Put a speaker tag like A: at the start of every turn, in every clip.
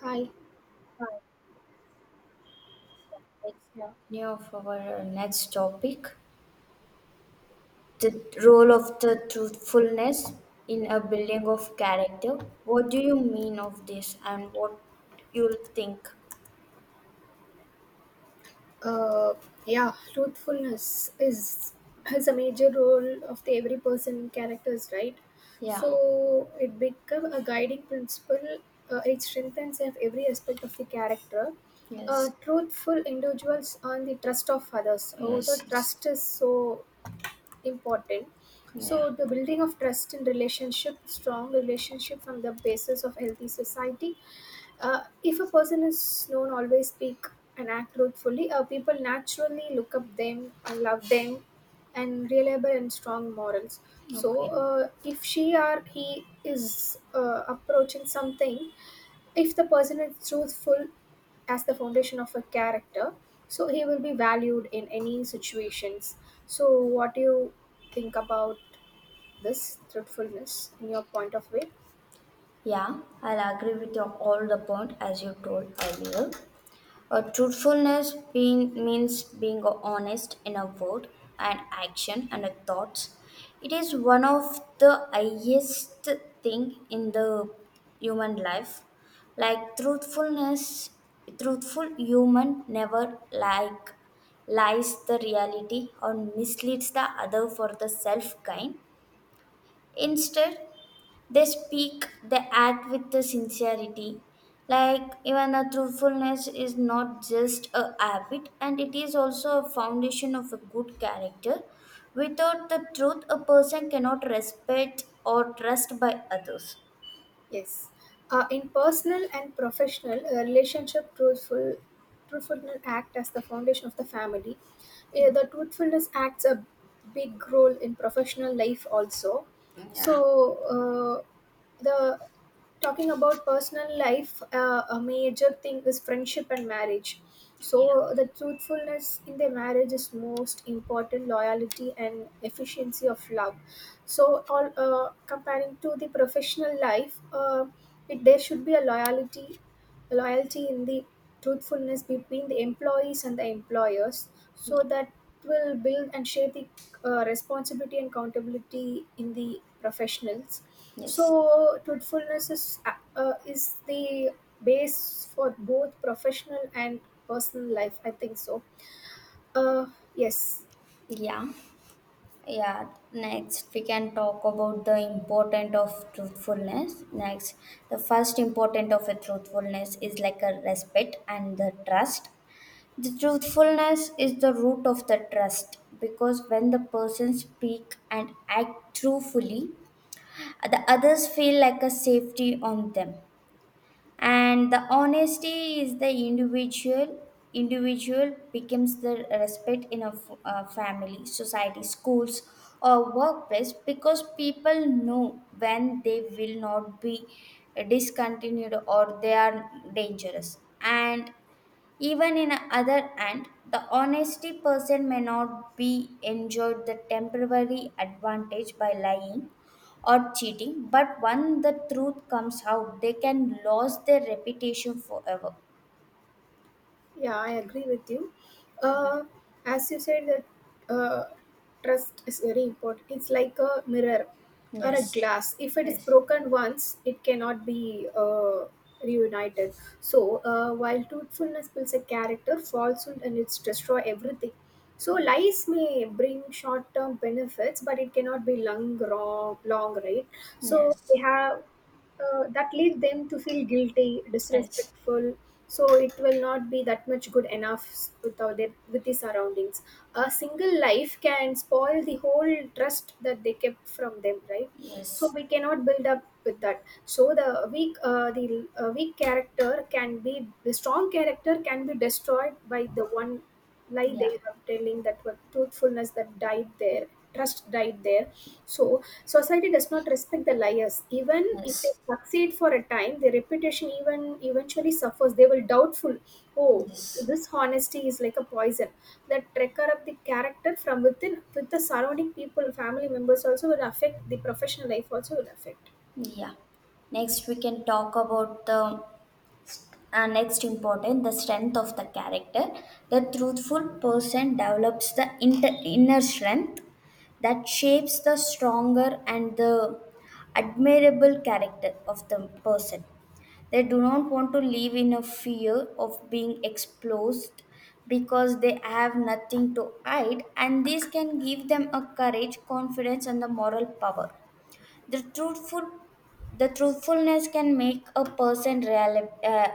A: Hi.
B: Right, let's
A: Yeah.
B: continue of our next topic, the role of the truthfulness in a building of character. What do you mean of this and what you'll think?
A: Uh, yeah, truthfulness is a major role of the every person characters, right?
B: Yeah,
A: So it become a guiding principle. It strengthens of every aspect of the character.
B: yes,
A: Truthful individuals earn the trust of others. Oh, the
B: yes, yes.
A: trust is so important.
B: Yeah,
A: So the building of trust in relationship, strong relationship from the basis of healthy society. If a person is known always speak and act truthfully, people naturally look up them and love them and reliable and strong morals. So
B: okay.
A: if she or he is approaching something, if the person is truthful as the foundation of a character, so he will be valued in any situations. So what do you think about this truthfulness in your point of view?
B: Yeah, I'll agree with your, all the point as you told earlier. Truthfulness being, means being honest in a word, and action, and a thoughts. It is one of the highest thing in the human life. Like truthfulness, truthful human never like lies the reality or misleads the other for the self gain. Instead, they speak, they act with the sincerity. Like even a truthfulness is not just a habit and it is also a foundation of a good character. Without the truth, a person cannot respect or trust by others.
A: Yes. In personal and professional relationship, truthfulness act as the foundation of the family. The truthfulness acts a big role in professional life also. So the talking about personal life, a major thing is friendship and marriage.
B: Yeah.
A: So the truthfulness in the marriage is most important. Loyalty and efficiency of love so on comparing to the professional life it, there should be a loyalty in the truthfulness between the employees and the employers so that will build and shape the responsibility and accountability in the professionals.
B: Yes.
A: So truthfulness is the base for both professional and personal life, I think so. uh, yes.
B: Yeah. Yeah. Next, we can talk about the importance of truthfulness. Next, the first important of a truthfulness is like a respect and the trust. The truthfulness is the root of the trust because when the person speak and act truthfully, the others feel like a safety on them. And the honesty is the individual becomes the respect in a a family, society, schools or workplace because people know when they will not be discontinued or they are dangerous. And even in other hand, the honesty person may not be enjoyed the temporary advantage by lying or cheating, but when the truth comes out, they can lose their reputation forever.
A: Yeah, I agree with you.
B: Yeah.
A: Uh, as you said, that trust is very important. It's like a mirror or a
B: Yes.
A: glass. If it is
B: Yes.
A: broken once, it cannot be reunited. So, while truthfulness builds a character, falsehood and it's destroy everything. So,
B: Yes.
A: lies may bring short term benefits, but it cannot be long, long, long, right? So,
B: Yes.
A: we have that lead them to feel guilty,
B: Yes.
A: disrespectful. So it will not be that much good enough with our, their, with the surroundings. A single life can spoil the whole trust that they kept from them, right? So
B: Yes.
A: we cannot build up with that, so the weak character can be, the strong character can be destroyed by the one lie they
B: Yeah.
A: have telling, that what truthfulness that died there, trust died there. So society does not respect the liars even if they
B: Yes.
A: succeed for a time, their reputation even eventually suffers, they will doubtful. Oh,
B: Yes.
A: this honesty is like a poison that trigger up the character from within, with the surrounding people, family members also will affect, the professional life also will affect.
B: Yeah. Next, we can talk about the and next important the strength of the character. The truthful person develops the inner strength that shapes the stronger and the admirable character of the person. They do not want to live in a fear of being exposed because they have nothing to hide, and this can give them a courage confidence and the moral power. the truthful, the truthfulness can make a person real, uh,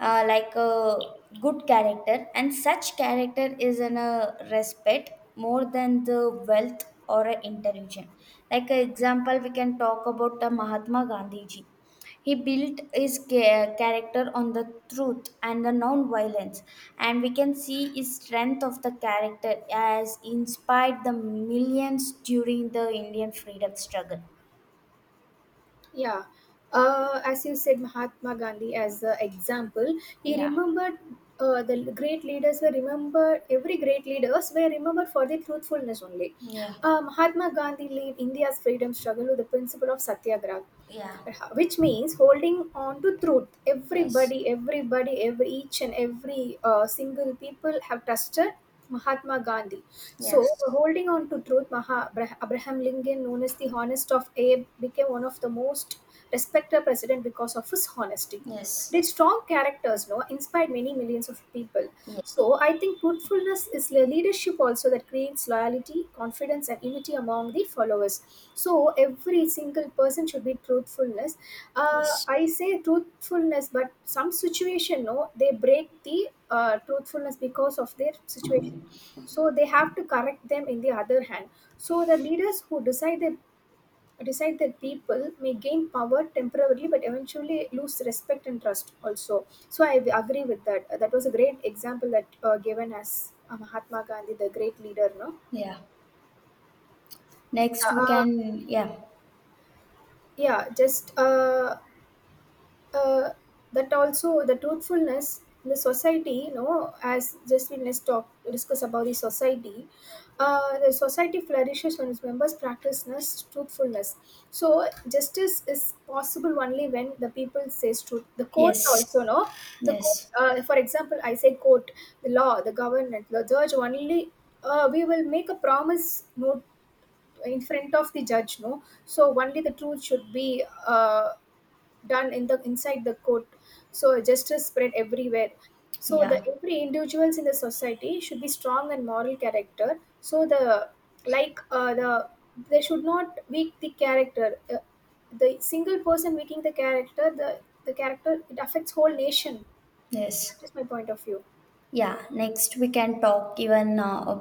B: uh, like a good character, and such character is in a respect more than the wealth or a intelligence. Like an example, we can talk about the Mahatma Gandhi ji. He built his character on the truth and the non-violence, and we can see his strength of the character as inspired the millions during the Indian freedom struggle.
A: Yeah. As you said, Mahatma Gandhi as the example, he
B: Yeah,
A: remembered the great leaders were remembered, every great leaders were remembered for their truthfulness only.
B: yeah,
A: Mahatma Gandhi led India's freedom struggle with the principle of Satyagraha,
B: yeah,
A: which means holding on to truth.
B: yes,
A: Everybody, everybody, every each and every single people have trusted Mahatma Gandhi. So
B: yes,
A: holding on to truth, Abraham Lincoln known as the honest of Abe became one of the most respected president because of his honesty.
B: yes,
A: Their strong characters, no, inspired many millions of people.
B: yeah,
A: So I think truthfulness is leadership also, that creates loyalty, confidence, and unity among the followers. So every single person should be truthfulness.
B: yes,
A: I say truthfulness, but some situation no, they break the truthfulness because of their situation. So they have to correct them in the other hand. So the leaders who decide that people may gain power temporarily but eventually lose respect and trust also, so I agree with that. That was a great example that given as Mahatma Gandhi the great leader, no.
B: yeah. Next we
A: uh, uh,
B: can, yeah,
A: yeah just uh, that also the truthfulness in the society, you know, as just we let's talk discuss about the society. The society flourishes when its members practice this truthfulness. So justice is possible only when the people says truth, the court also,
B: yes,
A: no. The court
B: yes,
A: for example I say court, the law, the government, the judge only. We will make a promise no in front of the judge, no, so only the truth should be done in the inside the court. So justice spread everywhere. So the
B: yeah,
A: every individuals in the society should be strong and moral character, so the like the they should not weak the character. The single person weakening the character, the character it affects whole nation.
B: yes,
A: That is my point of view,
B: yeah. Next we can talk even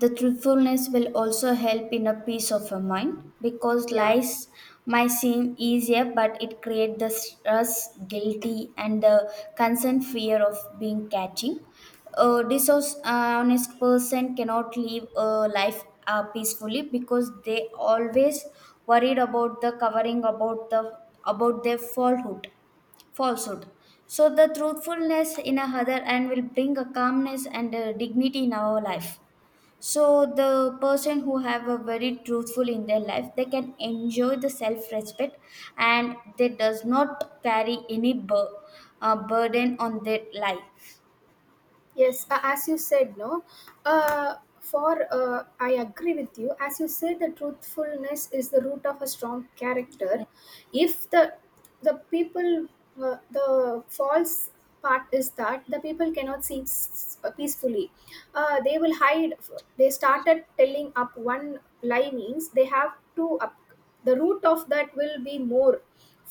B: the truthfulness will also help in a peace of your mind because
A: yeah.
B: lies might seem easier, but it creates the stress, guilty, and the constant fear of being catching. A dishonest person cannot live a life peacefully because they always worried about the covering about the about their falsehood. So the truthfulness in a other and will bring a calmness and a dignity in our life. So the person who have a very truthful in their life they can enjoy the self respect, and they does not carry any burden on their life.
A: Yes, as you said, no. For I agree with you, as you said, the truthfulness is the root of a strong character.
B: Yeah.
A: If the the people, the false part is that the people cannot sleep peacefully. They will hide, they started telling up one lie means they have to up, the root of that will be more.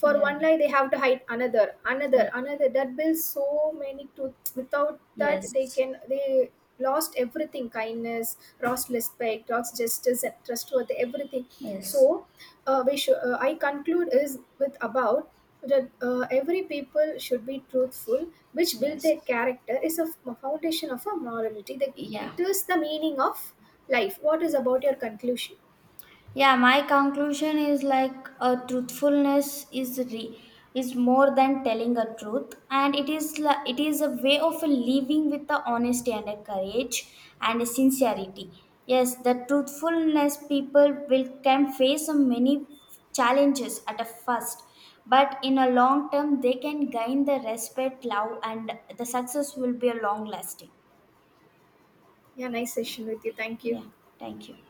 A: For
B: Yeah,
A: one lie they have to hide another, another,
B: yeah.
A: another, that builds so many truths. Without that they
B: Yes,
A: can they lost everything, kindness lost, respect lost, justice and trustworthy everything.
B: yes,
A: So I conclude is with about that every people should be truthful, which build
B: yes,
A: their character is a foundation of a morality. That
B: yeah.
A: it is the meaning of life. What is about your conclusion?
B: Yeah, my conclusion is like a truthfulness is more than telling a truth, and it is a way of living with the honesty and a courage and a sincerity. Yes, the truthfulness people will can face a many challenges at a first, but in a long term they can gain the respect, love, and the success will be a long lasting.
A: Yeah, nice
B: Yes.
A: session with you. Thank you.
B: Yeah. Thank you.